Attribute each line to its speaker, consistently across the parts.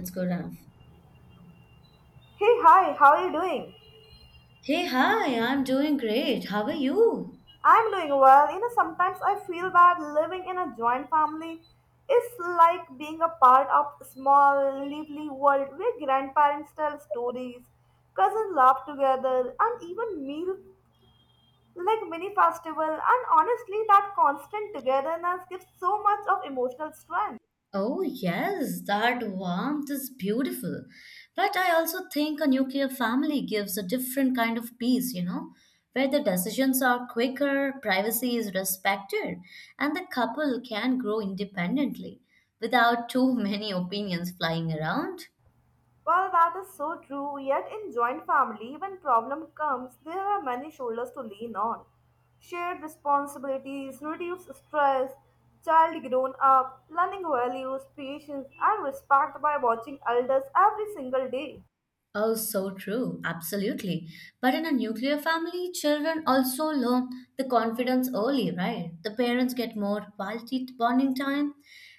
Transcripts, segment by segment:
Speaker 1: It's good enough.
Speaker 2: Hey, hi, how are you doing?
Speaker 1: Hey, hi, I'm doing great. How are you?
Speaker 2: I'm doing well. You know, sometimes I feel that living in a joint family is like being a part of a small, lively world where grandparents tell stories, cousins laugh together, and even meal like mini festival. And honestly, that constant togetherness gives so much of emotional strength.
Speaker 1: Oh, yes, that warmth is beautiful. But I also think a nuclear family gives a different kind of peace, you know, where the decisions are quicker, privacy is respected, and the couple can grow independently without too many opinions flying around.
Speaker 2: Well, that is so true. Yet, in joint family, when problem comes, there are many shoulders to lean on. Shared responsibilities, reduce stress, child grown up, learning values, patience, and respect by watching elders every single day.
Speaker 1: Oh, so true. Absolutely. But in a nuclear family, children also learn the confidence early, right? The parents get more quality bonding time,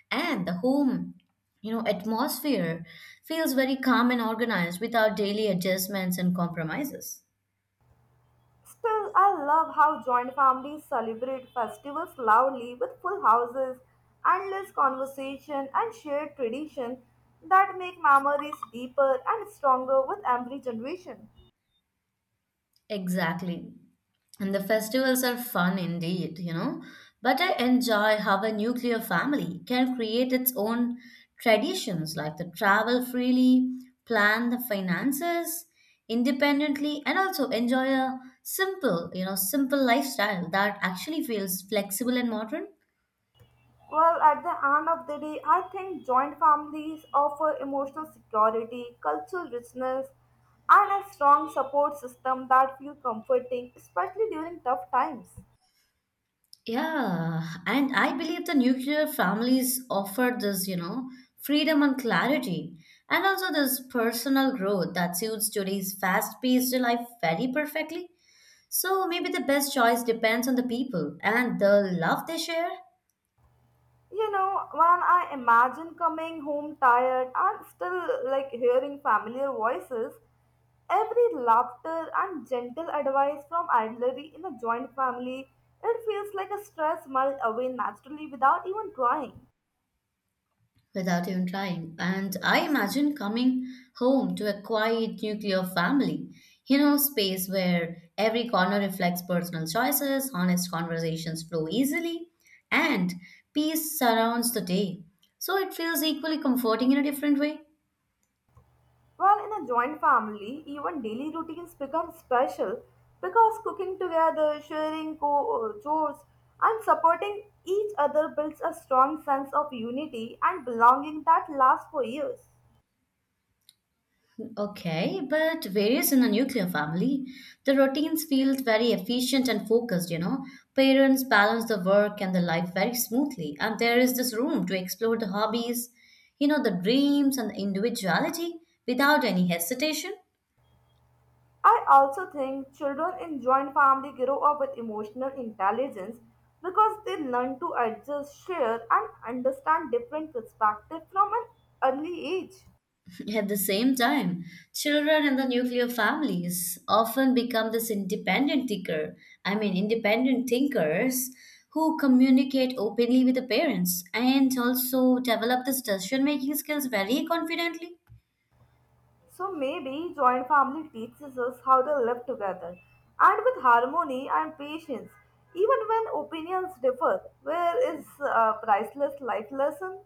Speaker 1: and the home, you know, atmosphere feels very calm and organized without daily adjustments and compromises.
Speaker 2: Still, I love how joint families celebrate festivals loudly with full houses, endless conversation, and shared tradition that make memories deeper and stronger with every generation.
Speaker 1: Exactly. And the festivals are fun indeed, you know. But I enjoy how a nuclear family can create its own traditions like the travel freely, plan the finances independently, and also enjoy a simple, simple lifestyle that actually feels flexible and modern.
Speaker 2: Well, at the end of the day, I think joint families offer emotional security, cultural richness, and a strong support system that feel comforting, especially during tough times.
Speaker 1: Yeah, and I believe the nuclear families offer this, you know, freedom and clarity, and also this personal growth that suits today's fast-paced life very perfectly. So maybe the best choice depends on the people and the love they share.
Speaker 2: You know, when I imagine coming home tired and still like hearing familiar voices, every laughter and gentle advice from elderly in a joint family, it feels like a stress melt away naturally without even trying.
Speaker 1: Without even trying. And I imagine coming home to a quiet nuclear family, you know, space where every corner reflects personal choices, honest conversations flow easily, and peace surrounds the day. So it feels equally comforting in a different way.
Speaker 2: Well, in a joint family, even daily routines become special because cooking together, sharing chores, and supporting each other builds a strong sense of unity and belonging that lasts for years.
Speaker 1: Okay, but various in the nuclear family, the routines feel very efficient and focused, you know. Parents balance the work and the life very smoothly, and there is this room to explore the hobbies, you know, the dreams and the individuality without any hesitation.
Speaker 2: I also think children in joint family grow up with emotional intelligence because they learn to adjust, share, and understand different perspectives from an early age.
Speaker 1: At the same time, children in the nuclear families often become this independent thinker, I mean independent thinkers who communicate openly with the parents and also develop this decision making skills very confidently.
Speaker 2: So maybe joint family teaches us how to live together and with harmony and patience, even when opinions differ. Where is a priceless life lesson?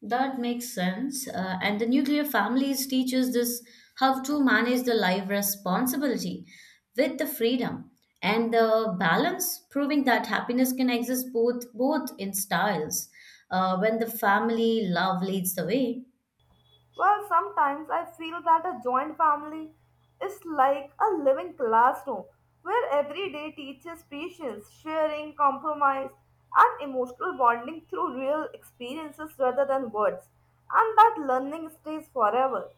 Speaker 1: That makes sense. And the nuclear families teaches this how to manage the life responsibility with the freedom and the balance, proving that happiness can exist both in styles. When the family love leads the way.
Speaker 2: Well, sometimes I feel that a joint family is like a living classroom where every day teaches patience, sharing, compromise, and emotional bonding through real experiences rather than words. And that learning stays forever.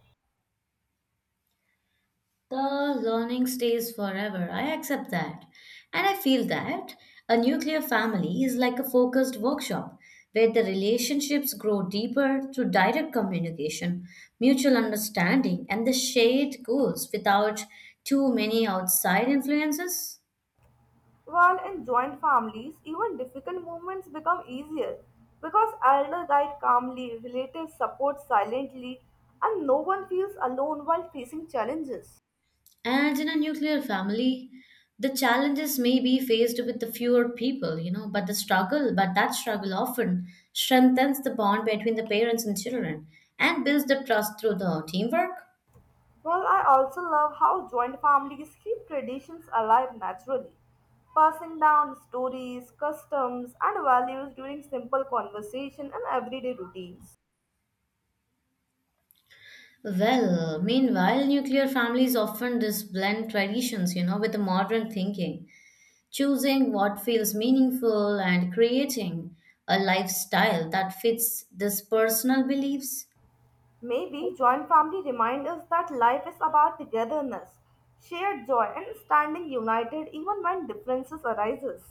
Speaker 1: The learning stays forever. I accept that. And I feel that a nuclear family is like a focused workshop where the relationships grow deeper through direct communication, mutual understanding, and the shared goals without too many outside influences.
Speaker 2: While in joint families, even difficult moments become easier because elder guide calmly, relatives support silently, and no one feels alone while facing challenges.
Speaker 1: And in a nuclear family, the challenges may be faced with the fewer people, you know, but that struggle often strengthens the bond between the parents and children and builds the trust through the teamwork.
Speaker 2: Well, I also love how joint families keep traditions alive naturally, passing down stories, customs, and values during simple conversation and everyday routines.
Speaker 1: Well, meanwhile, nuclear families often just blend traditions, you know, with the modern thinking, choosing what feels meaningful and creating a lifestyle that fits this personal beliefs.
Speaker 2: Maybe joint family remind us that life is about togetherness, shared joy and standing united even when differences arises.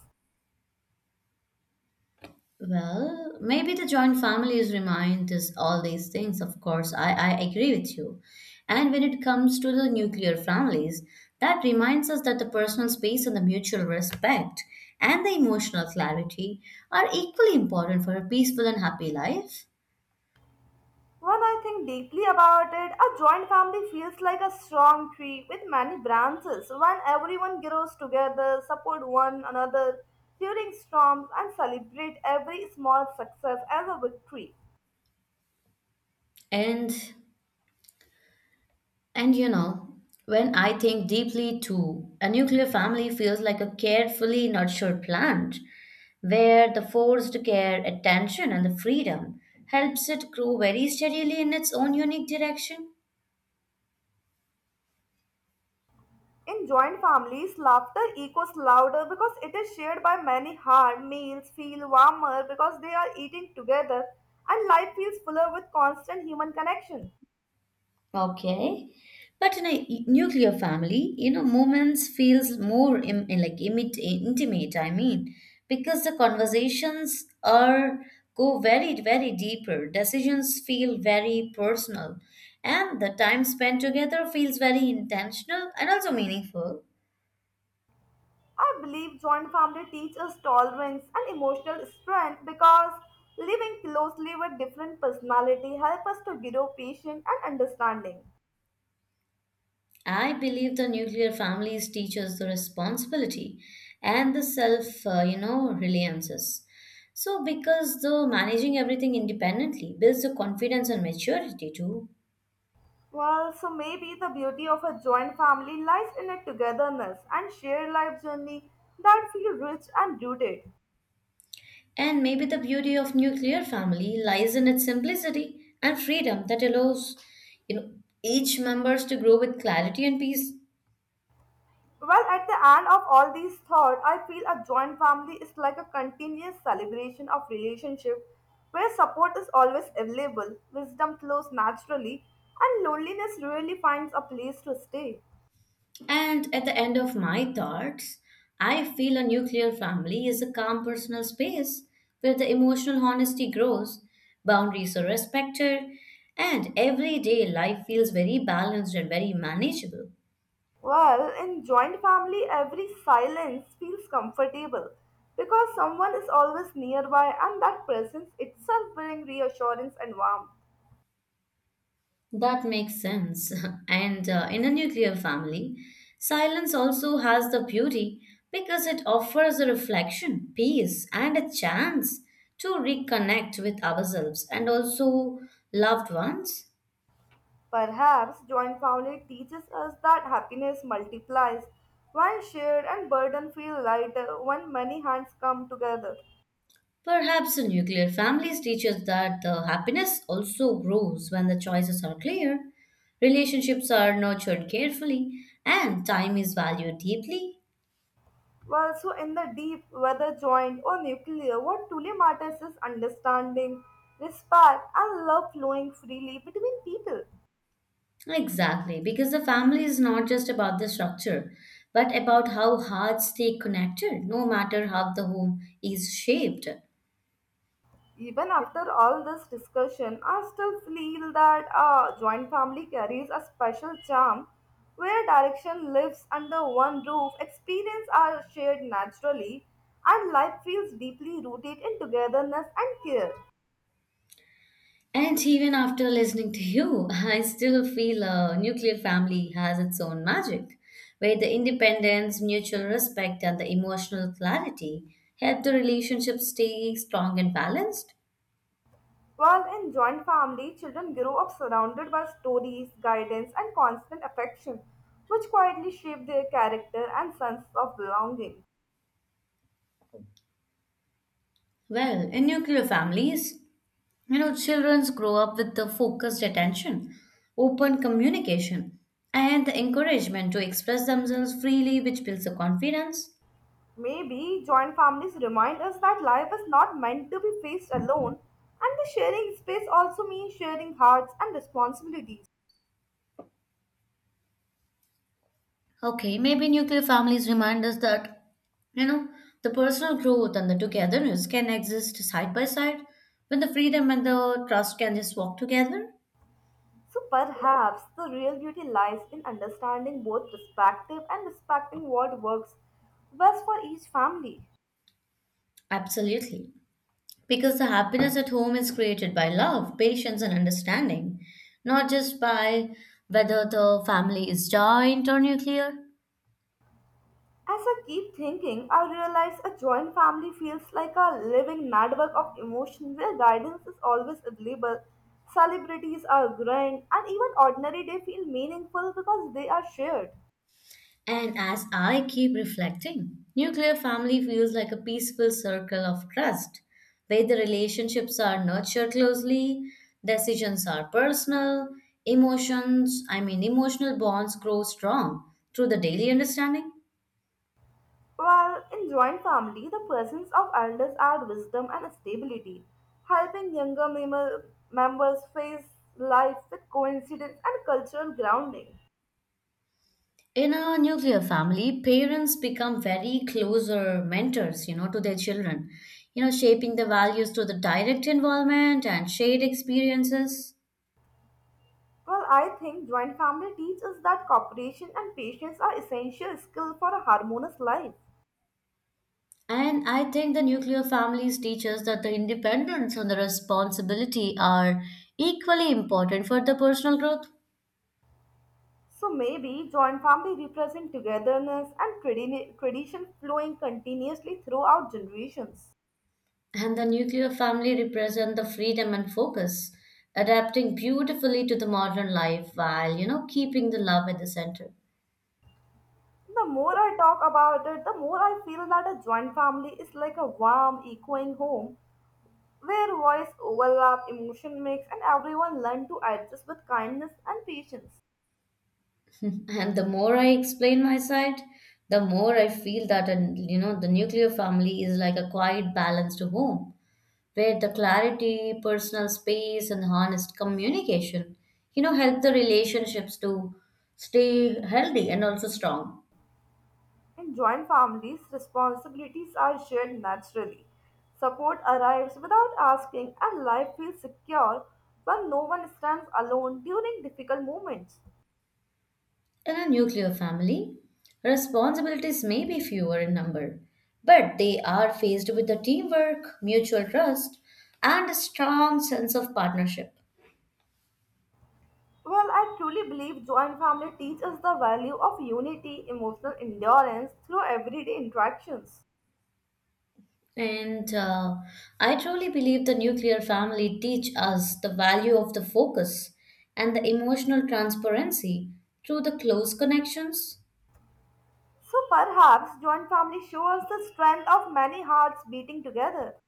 Speaker 1: Well, maybe the joint families remind us all these things, of course. I agree with you. And when it comes to the nuclear families, that reminds us that the personal space and the mutual respect and the emotional clarity are equally important for a peaceful and happy life.
Speaker 2: When I think deeply about it, a joint family feels like a strong tree with many branches. When everyone grows together, support one another during storms and celebrate every small success as a victory.
Speaker 1: And And you know, when I think deeply too, a nuclear family feels like a carefully nurtured plant, where the forced care, attention, and the freedom helps it grow very steadily in its own unique direction.
Speaker 2: In joint families, laughter echoes louder because it is shared by many hard meals feel warmer because they are eating together and life feels fuller with constant human connection.
Speaker 1: Okay. But in a nuclear family, you know, moments feels more Im in like imit intimate, I mean, because the conversations are go very, very deeper. Decisions feel very personal, and the time spent together feels very intentional and also meaningful.
Speaker 2: I believe joint family teaches us tolerance and emotional strength because living closely with different personality help us to grow patience and understanding.
Speaker 1: I believe the nuclear families teach us the responsibility and the self, you know, reliances. So, because the managing everything independently builds the confidence and maturity too.
Speaker 2: Well, so maybe the beauty of a joint family lies in a togetherness and shared life journey that feel rich and rooted.
Speaker 1: And maybe the beauty of nuclear family lies in its simplicity and freedom that allows, you know, each members to grow with clarity and peace.
Speaker 2: Well, at the end of all these thoughts, I feel a joint family is like a continuous celebration of relationship where support is always available, wisdom flows naturally, and loneliness really finds a place to stay.
Speaker 1: And at the end of my thoughts, I feel a nuclear family is a calm personal space where the emotional honesty grows, boundaries are respected, and everyday life feels very balanced and very manageable.
Speaker 2: Well, in joint family, every silence feels comfortable because someone is always nearby, and that presence itself brings reassurance and warmth.
Speaker 1: That makes sense. And in a nuclear family, silence also has the beauty because it offers a reflection, peace, and a chance to reconnect with ourselves and also loved ones.
Speaker 2: Perhaps joint family teaches us that happiness multiplies when shared and burden feel lighter when many hands come together.
Speaker 1: Perhaps the nuclear families teach us that the happiness also grows when the choices are clear, relationships are nurtured carefully, and time is valued deeply.
Speaker 2: Well, so in the deep, whether joint or nuclear, what truly matters is understanding, respect, and love flowing freely between people.
Speaker 1: Exactly, because the family is not just about the structure, but about how hearts stay connected, no matter how the home is shaped.
Speaker 2: Even after all this discussion, I still feel that a joint family carries a special charm where direction lives under one roof, experience are shared naturally, and life feels deeply rooted in togetherness and care.
Speaker 1: And even after listening to you, I still feel a nuclear family has its own magic, where the independence, mutual respect, and the emotional clarity help the relationship stay strong and balanced.
Speaker 2: While in joint family, children grow up surrounded by stories, guidance, and constant affection, which quietly shape their character and sense of belonging.
Speaker 1: Well, in nuclear families, you know, children grow up with the focused attention, open communication, and the encouragement to express themselves freely, which builds the confidence.
Speaker 2: Maybe joint families remind us that life is not meant to be faced alone, and the sharing space also means sharing hearts and responsibilities.
Speaker 1: Okay, maybe nuclear families remind us that, you know, the personal growth and the togetherness can exist side by side when the freedom and the trust can just walk together.
Speaker 2: So perhaps the real beauty lies in understanding both perspective and respecting what works best for each family.
Speaker 1: Absolutely. Because the happiness at home is created by love, patience, and understanding, not just by whether the family is joint or nuclear.
Speaker 2: As I keep thinking, I realize a joint family feels like a living network of emotion where guidance is always available. Celebrities are grand, and even ordinary day feel meaningful because they are shared.
Speaker 1: And as I keep reflecting, nuclear family feels like a peaceful circle of trust, where the relationships are nurtured closely, decisions are personal, emotional bonds grow strong through the daily understanding.
Speaker 2: While in joint family, the presence of elders add wisdom and stability, helping members face life with coincidence and cultural grounding.
Speaker 1: In a nuclear family, parents become very closer mentors, you know, to their children, you know, shaping the values through the direct involvement and shared experiences.
Speaker 2: Well, I think joint family teaches that cooperation and patience are essential skills for a harmonious life.
Speaker 1: And I think the nuclear families teach us that the independence and the responsibility are equally important for the personal growth.
Speaker 2: So maybe joint family represent togetherness and tradition flowing continuously throughout generations.
Speaker 1: And the nuclear family represent the freedom and focus, adapting beautifully to the modern life while, you know, keeping the love at the center.
Speaker 2: The more I talk about it, the more I feel that a joint family is like a warm, echoing home where voice overlap, emotion mix, and everyone learn to adjust with kindness and patience.
Speaker 1: And the more I explain my side, the more I feel that, and you know, the nuclear family is like a quiet balance to home where the clarity, personal space, and honest communication, you know, help the relationships to stay healthy and also strong.
Speaker 2: In joint families, responsibilities are shared naturally. Support arrives without asking, and life feels secure when no one stands alone during difficult moments.
Speaker 1: In a nuclear family, responsibilities may be fewer in number, but they are faced with the teamwork, mutual trust, and a strong sense of partnership.
Speaker 2: Well, I truly believe joint family teaches the value of unity, emotional endurance through everyday interactions.
Speaker 1: And I truly believe the nuclear family teach us the value of the focus and the emotional transparency through the close connections.
Speaker 2: So perhaps joint family shows the strength of many hearts beating together.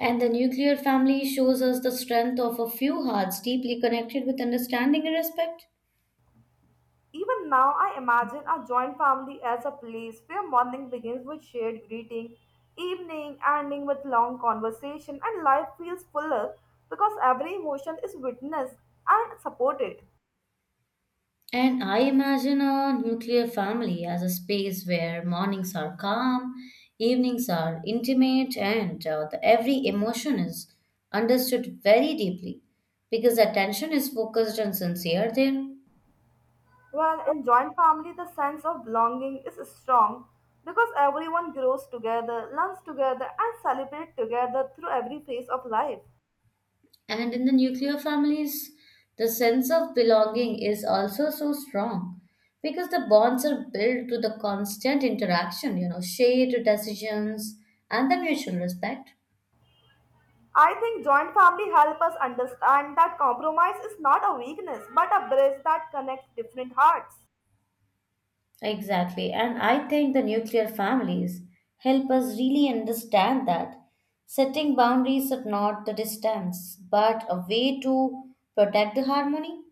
Speaker 1: And the nuclear family shows us the strength of a few hearts deeply connected with understanding and respect.
Speaker 2: Even now, I imagine our joint family as a place where morning begins with shared greeting, evening ending with long conversation, and life feels fuller because every emotion is witnessed and supported.
Speaker 1: And I imagine a nuclear family as a space where mornings are calm, evenings are intimate, and every emotion is understood very deeply because attention is focused and sincere there.
Speaker 2: Well, in joint family, the sense of belonging is strong because everyone grows together, learns together, and celebrates together through every phase of life.
Speaker 1: And in the nuclear families, the sense of belonging is also so strong because the bonds are built through the constant interaction, you know, shared decisions and the mutual respect.
Speaker 2: I think joint family help us understand that compromise is not a weakness but a bridge that connects different hearts.
Speaker 1: Exactly. And I think the nuclear families help us really understand that setting boundaries are not the distance, but a way to protect the harmony.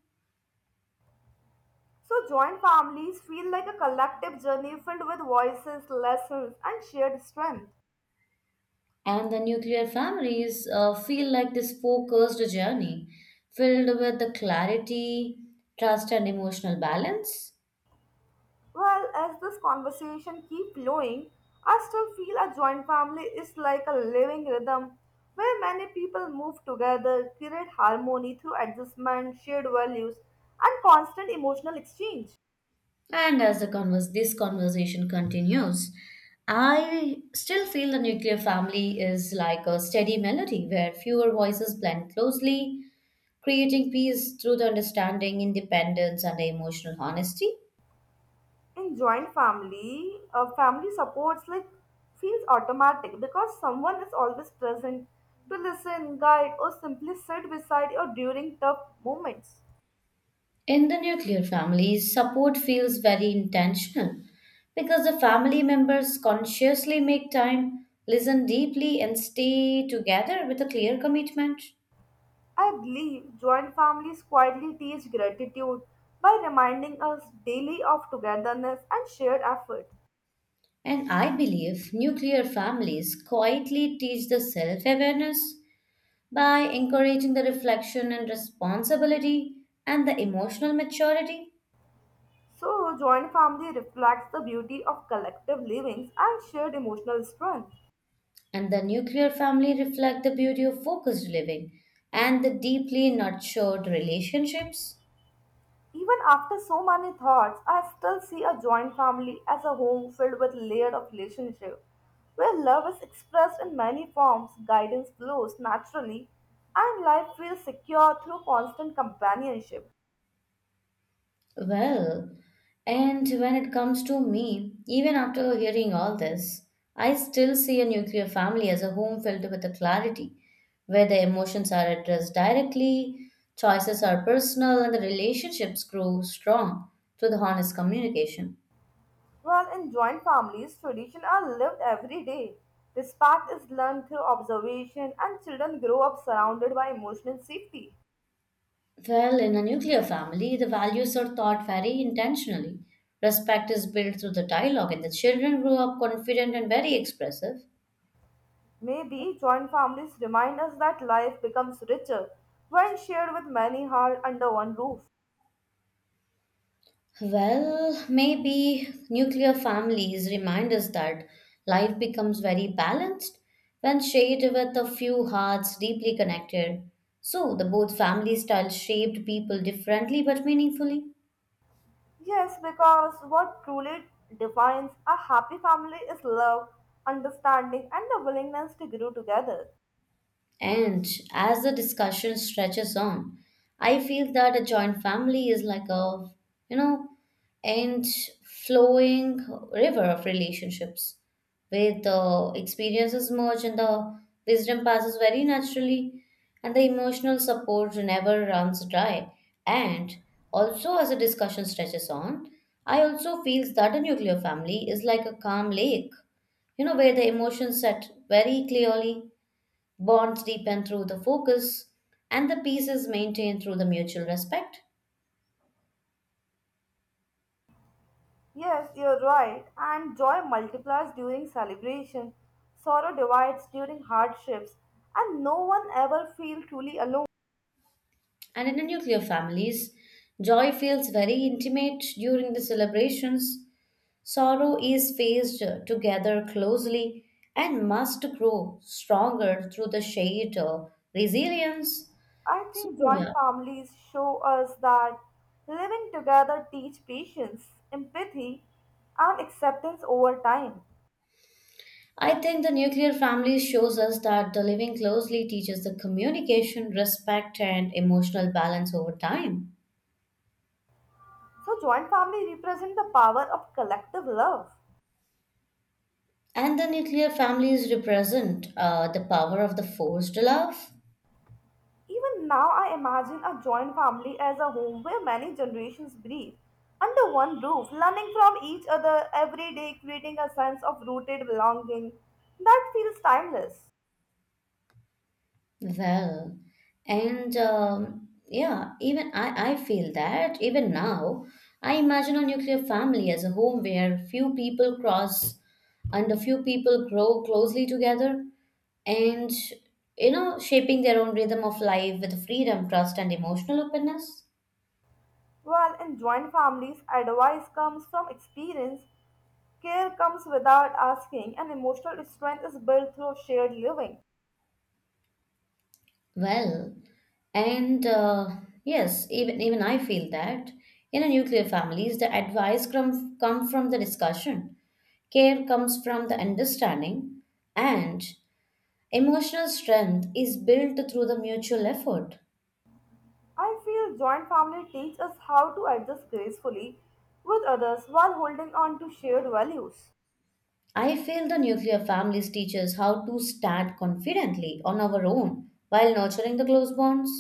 Speaker 2: So, joint families feel like a collective journey filled with voices, lessons, and shared strength.
Speaker 1: And the nuclear families feel like this focused journey filled with the clarity, trust, and emotional balance.
Speaker 2: Well, as this conversation keeps flowing, I still feel a joint family is like a living rhythm where many people move together, create harmony through adjustment, shared values, and constant emotional exchange.
Speaker 1: And as this conversation continues, I still feel the nuclear family is like a steady melody where fewer voices blend closely, creating peace through the understanding, independence, and emotional honesty.
Speaker 2: In joint family, family supports like feels automatic because someone is always present to listen, guide, or simply sit beside you during tough moments.
Speaker 1: In the nuclear families, support feels very intentional because the family members consciously make time, listen deeply, and stay together with a clear commitment.
Speaker 2: I believe joint families quietly teach gratitude by reminding us daily of togetherness and shared effort.
Speaker 1: And I believe nuclear families quietly teach the self awareness by encouraging the reflection and responsibility and the emotional maturity.
Speaker 2: So, joint family reflects the beauty of collective livings and shared emotional strength.
Speaker 1: And the nuclear family reflect the beauty of focused living and the deeply nurtured relationships.
Speaker 2: Even after so many thoughts, I still see a joint family as a home filled with layered of relationship, where love is expressed in many forms, guidance flows naturally, and life feels secure through constant companionship.
Speaker 1: Well, and when it comes to me, even after hearing all this, I still see a nuclear family as a home filled with a clarity, where the emotions are addressed directly, choices are personal, and the relationships grow strong through the honest communication.
Speaker 2: While in joint families, traditions are lived every day. Respect is learned through observation, and children grow up surrounded by emotional safety.
Speaker 1: Well, in a nuclear family, the values are taught very intentionally. Respect is built through the dialogue, and the children grow up confident and very expressive.
Speaker 2: Maybe joint families remind us that life becomes richer when shared with many hearts under one roof.
Speaker 1: Well, maybe nuclear families remind us that life becomes very balanced when shared with a few hearts deeply connected. So, the both family styles shaped people differently but meaningfully.
Speaker 2: Yes, because what truly defines a happy family is love, understanding, and the willingness to grow together.
Speaker 1: And as the discussion stretches on, I feel that a joint family is like a, you know, end flowing river of relationships where the experiences merge and the wisdom passes very naturally and the emotional support never runs dry. And also as the discussion stretches on, I also feel that a nuclear family is like a calm lake, you know, where the emotions set very clearly. Bonds deepen through the focus, and the peace is maintained through the mutual respect.
Speaker 2: Yes, you're right, and joy multiplies during celebration, sorrow divides during hardships, and no one ever feels truly alone.
Speaker 1: And in the nuclear families, joy feels very intimate during the celebrations, sorrow is faced together closely, and must grow stronger through the shared resilience.
Speaker 2: I
Speaker 1: So,
Speaker 2: think joint
Speaker 1: yeah.
Speaker 2: families show us that living together teach patience, empathy, and acceptance over time.
Speaker 1: I think the nuclear family shows us that the living closely teaches the communication, respect, and emotional balance over time.
Speaker 2: So joint family represent the power of collective love.
Speaker 1: And the nuclear families represent the power of the forced love.
Speaker 2: Even now, I imagine a joint family as a home where many generations breathe under one roof, learning from each other every day, creating a sense of rooted belonging that feels timeless.
Speaker 1: Well, even I feel that even now, I imagine a nuclear family as a home where few people cross and a few people grow closely together and, shaping their own rhythm of life with freedom, trust, and emotional openness.
Speaker 2: While in joint families, advice comes from experience, care comes without asking, and emotional strength is built through shared living.
Speaker 1: Well, and Yes, even I feel that in a nuclear families, the advice come from the discussion, care comes from the understanding, and emotional strength is built through the mutual effort.
Speaker 2: I feel joint family teach us how to adjust gracefully with others while holding on to shared values.
Speaker 1: I feel the nuclear families teach us how to stand confidently on our own while nurturing the close bonds.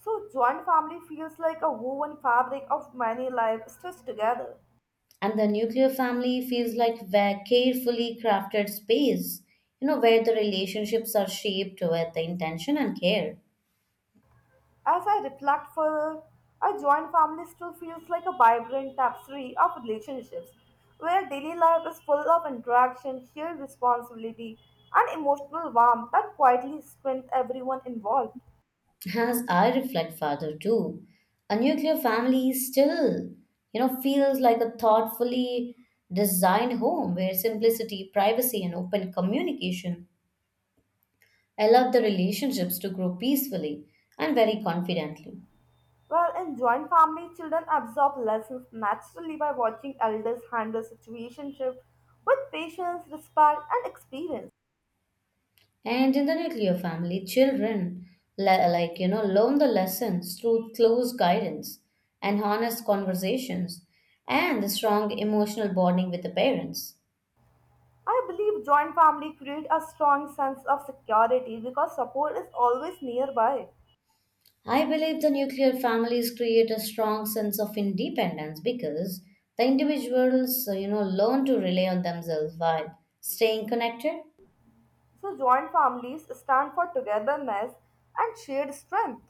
Speaker 2: So, joint family feels like a woven fabric of many lives stitched together.
Speaker 1: And the nuclear family feels like a carefully crafted space, where the relationships are shaped with the intention and care.
Speaker 2: As I reflect further, a joint family still feels like a vibrant tapestry of relationships where daily life is full of interaction, shared responsibility, and emotional warmth that quietly strengthen everyone involved.
Speaker 1: As I reflect further too, a nuclear family still, feels like a thoughtfully designed home where simplicity, privacy, and open communication allow the relationships to grow peacefully and very confidently.
Speaker 2: While in joint family, children absorb lessons naturally by watching elders handle situationship with patience, respect, and experience.
Speaker 1: And in the nuclear family, children learn the lessons through close guidance and honest conversations and the strong emotional bonding with the parents.
Speaker 2: I believe joint family create a strong sense of security because support is always nearby.
Speaker 1: I believe the nuclear families create a strong sense of independence because the individuals learn to rely on themselves while staying connected.
Speaker 2: So joint families stand for togetherness and shared strength.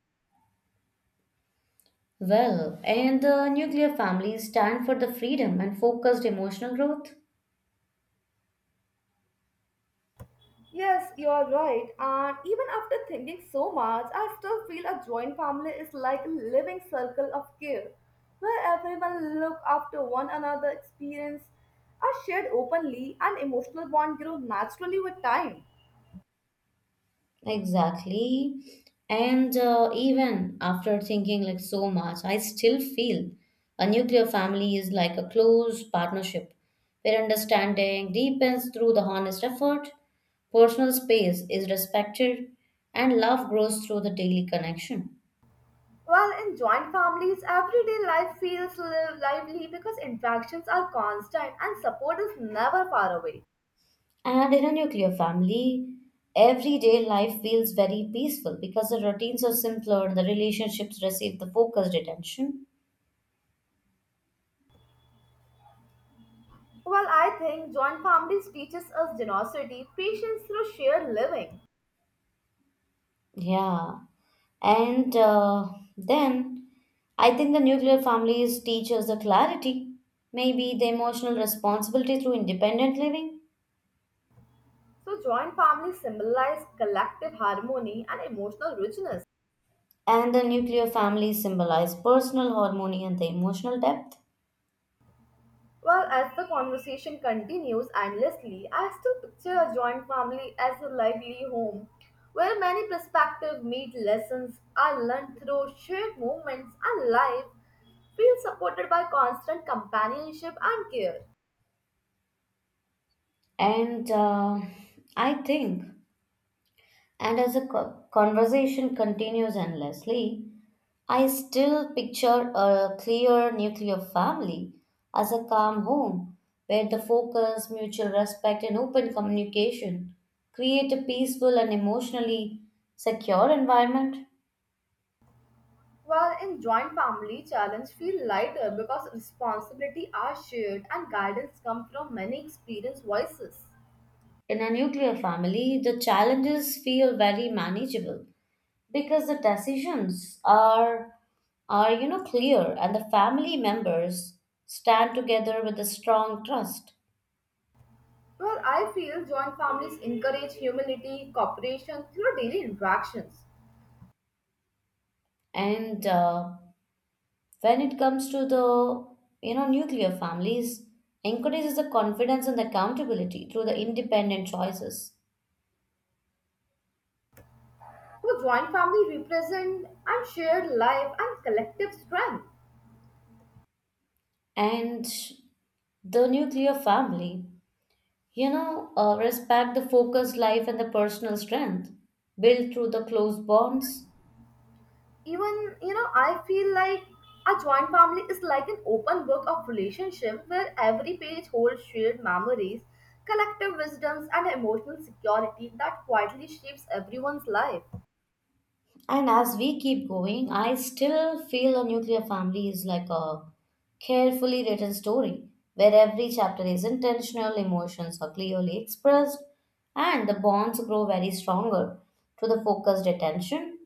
Speaker 1: Well, and the nuclear families stand for the freedom and focused emotional growth.
Speaker 2: Yes, you are right. And even after thinking so much, I still feel a joint family is like a living circle of care, where everyone look after one another, experience are shared openly, and emotional bond grow naturally with time.
Speaker 1: Exactly. And Even after thinking like so much, I still feel a nuclear family is like a close partnership where understanding deepens through the honest effort, personal space is respected, and love grows through the daily connection.
Speaker 2: Well, in joint families, everyday life feels lively because interactions are constant and support is never far away.
Speaker 1: And in a nuclear family, everyday life feels very peaceful because the routines are simpler, the relationships receive the focused attention.
Speaker 2: Well, I think joint families teaches us generosity, patience through shared living.
Speaker 1: Yeah. And then I think the nuclear families teach us the clarity, maybe the emotional responsibility through independent living.
Speaker 2: So joint families symbolize collective harmony and emotional richness.
Speaker 1: And the nuclear families symbolize personal harmony and the emotional depth.
Speaker 2: Well, as the conversation continues endlessly, I still picture a joint family as a lively home where many perspectives meet lessons are learned through shared moments and life feel supported by constant companionship and care.
Speaker 1: And uh, I think, and as the conversation continues endlessly, I still picture a clear nuclear family as a calm home where the focus, mutual respect, and open communication create a peaceful and emotionally secure environment.
Speaker 2: While in joint family, challenges feel lighter because responsibility are shared and guidance comes from many experienced voices.
Speaker 1: In a nuclear family, the challenges feel very manageable because the decisions are clear and the family members stand together with a strong trust.
Speaker 2: Well, I feel joint families encourage humility, cooperation through daily interactions.
Speaker 1: And When it comes to the nuclear families encourages the confidence and accountability through the independent choices.
Speaker 2: So, joint family represent and shared life and collective strength.
Speaker 1: And the nuclear family, respect the focused life and the personal strength built through the close bonds.
Speaker 2: Even, you know, I feel like a joint family is like an open book of relationship where every page holds shared memories collective wisdoms and emotional security that quietly shapes everyone's life.
Speaker 1: And as we keep going, I still feel a nuclear family is like a carefully written story where every chapter is intentional, emotions are clearly expressed, and the bonds grow very stronger through the focused attention.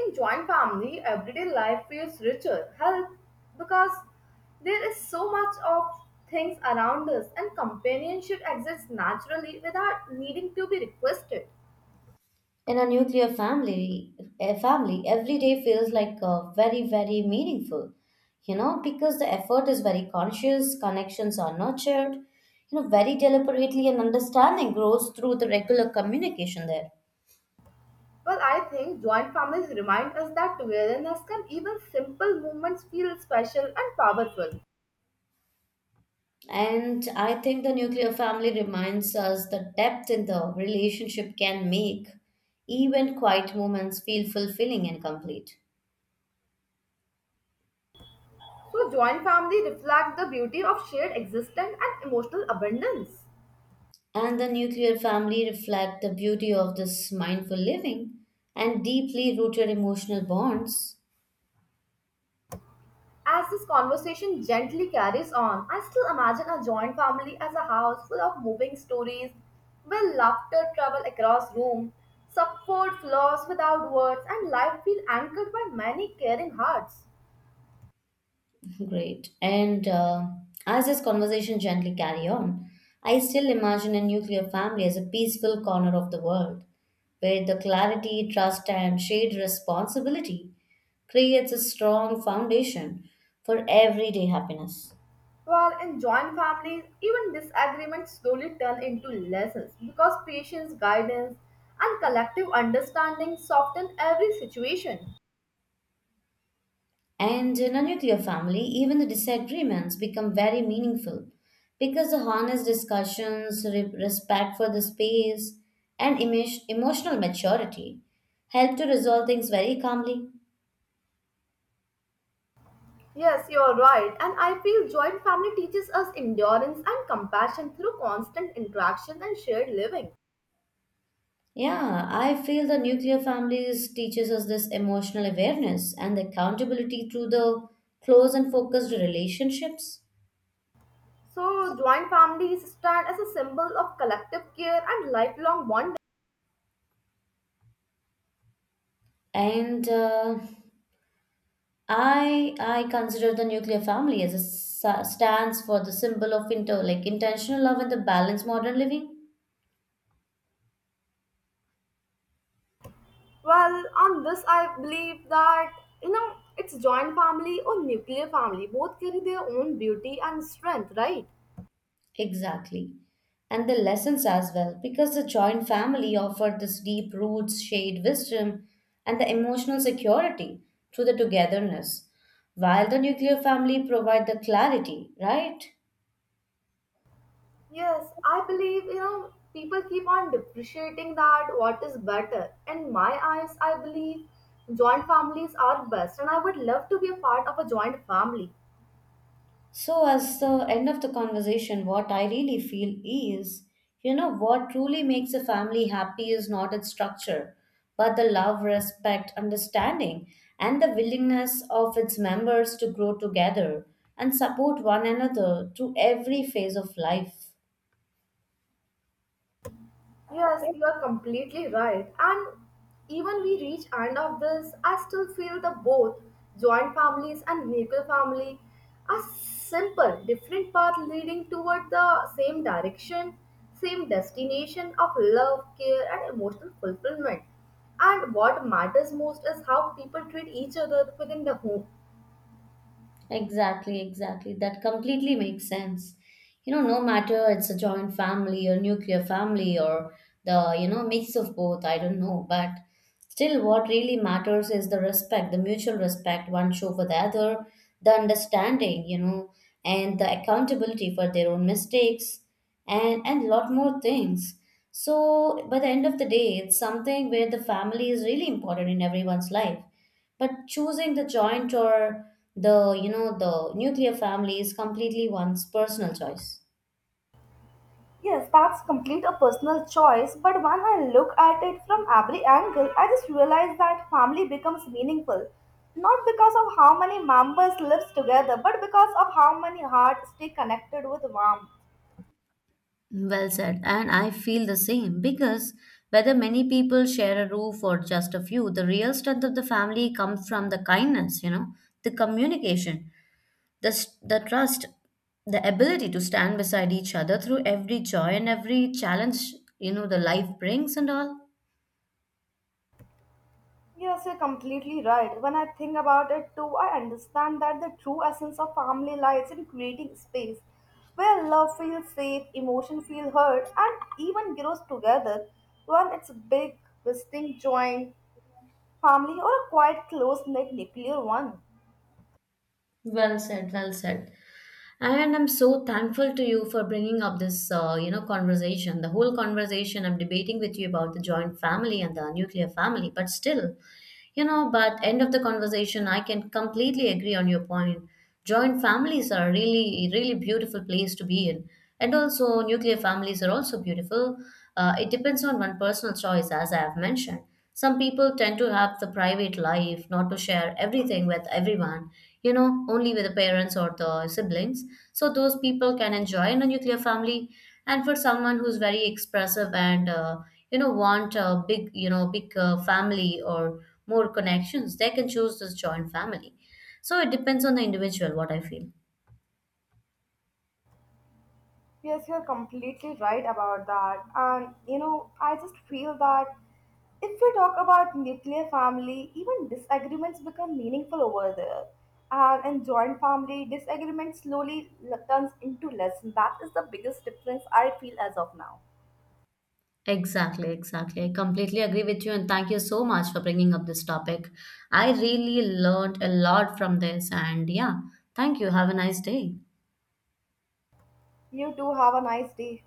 Speaker 2: In joint family everyday life feels richer health because there is so much of things around us and companionship exists naturally without needing to be requested.
Speaker 1: In a nuclear family, a family every day feels like a very, very meaningful, because the effort is very conscious, connections are nurtured, very deliberately, and understanding grows through the regular communication there.
Speaker 2: Well, I think joint families remind us that togetherness can even simple moments feel special and powerful.
Speaker 1: And I think the nuclear family reminds us the depth in the relationship can make even quiet moments feel fulfilling and complete.
Speaker 2: So, joint family reflect the beauty of shared existence and emotional abundance.
Speaker 1: And the nuclear family reflect the beauty of this mindful living and deeply rooted emotional bonds.
Speaker 2: As this conversation gently carries on, I still imagine a joint family as a house full of moving stories where laughter travel across room, support flows without words, and life feel anchored by many caring hearts.
Speaker 1: Great. And As this conversation gently carry on, I still imagine a nuclear family as a peaceful corner of the world, where the clarity, trust, and shared responsibility creates a strong foundation for everyday happiness.
Speaker 2: Well, in joint families, even disagreements slowly turn into lessons because patience, guidance, and collective understanding soften every situation.
Speaker 1: And in a nuclear family, even the disagreements become very meaningful because the honest discussions, respect for the space, and emotional maturity help to resolve things very calmly.
Speaker 2: Yes, you're right, and I feel joint family teaches us endurance and compassion through constant interaction and shared living.
Speaker 1: Yeah, I feel the nuclear families teaches us this emotional awareness and accountability through the close and focused relationships.
Speaker 2: So, joint families stand as a symbol of collective care and lifelong bonding.
Speaker 1: And I consider the nuclear family as a stands for the symbol of inter like intentional love and the balanced modern living.
Speaker 2: Well, on this, I believe that you know it's joint family or nuclear family. Both carry their own beauty and strength, right?
Speaker 1: Exactly. And the lessons as well, because the joint family offered this deep roots, shared wisdom, and the emotional security through the togetherness, while the nuclear family provide the clarity, right?
Speaker 2: Yes, I believe you know people keep on depreciating that what is better. In my eyes, I believe joint families are best, and I would love to be a part of a joint family.
Speaker 1: So, as the end of the conversation, what I really feel is, what truly makes a family happy is not its structure, but the love, respect, understanding, and the willingness of its members to grow together and support one another through every phase of life.
Speaker 2: Yes, you are completely right. And even we reach end of this, I still feel the both joint families and nuclear family are simple, different path leading toward the same direction, same destination of love, care, and emotional fulfillment. And what matters most is how people treat each other within the home.
Speaker 1: Exactly, exactly. That completely makes sense. You know, no matter it's a joint family or nuclear family or the, mix of both, I don't know. But still, what really matters is the respect, the mutual respect one show for the other, the understanding, and the accountability for their own mistakes and lot more things. So by the end of the day, it's something where the family is really important in everyone's life, but choosing the joint or the the nuclear family is completely one's personal choice.
Speaker 2: Yes, that's complete a personal choice, but when I look at it from every angle, I just realize that family becomes meaningful not because of how many members lives together, but because of how many hearts stay connected with warmth.
Speaker 1: Well said, and I feel the same because whether many people share a roof or just a few, the real strength of the family comes from the kindness, the communication, the trust, the ability to stand beside each other through every joy and every challenge, the life brings and all.
Speaker 2: Yes, you're completely right. When I think about it too, I understand that the true essence of family lies in creating space where love feels safe, emotion feel heard, and even grows together when it's big, distinct joint family or a quite close-knit nuclear one.
Speaker 1: Well said, well said. And I'm so thankful to you for bringing up this, conversation. The whole conversation I'm debating with you about the joint family and the nuclear family, but still, but end of the conversation, I can completely agree on your point. Joint families are really, really beautiful place to be in. And also, nuclear families are also beautiful. It depends on one personal choice, as I have mentioned. Some people tend to have the private life, not to share everything with everyone, only with the parents or the siblings. So, those people can enjoy in a nuclear family. And for someone who's very expressive and, want a big, big family or more connections, they can choose this joint family. So it depends on the individual, what I feel.
Speaker 2: Yes, you're completely right about that. And you know, I just feel that if we talk about nuclear family, even disagreements become meaningful over there. And in joint family, disagreement slowly turns into lesson. That is the biggest difference I feel as of now.
Speaker 1: Exactly, exactly. I completely agree with you and thank you so much for bringing up this topic. I really learned a lot from this and yeah, thank you. Have a nice day.
Speaker 2: You too have a nice day.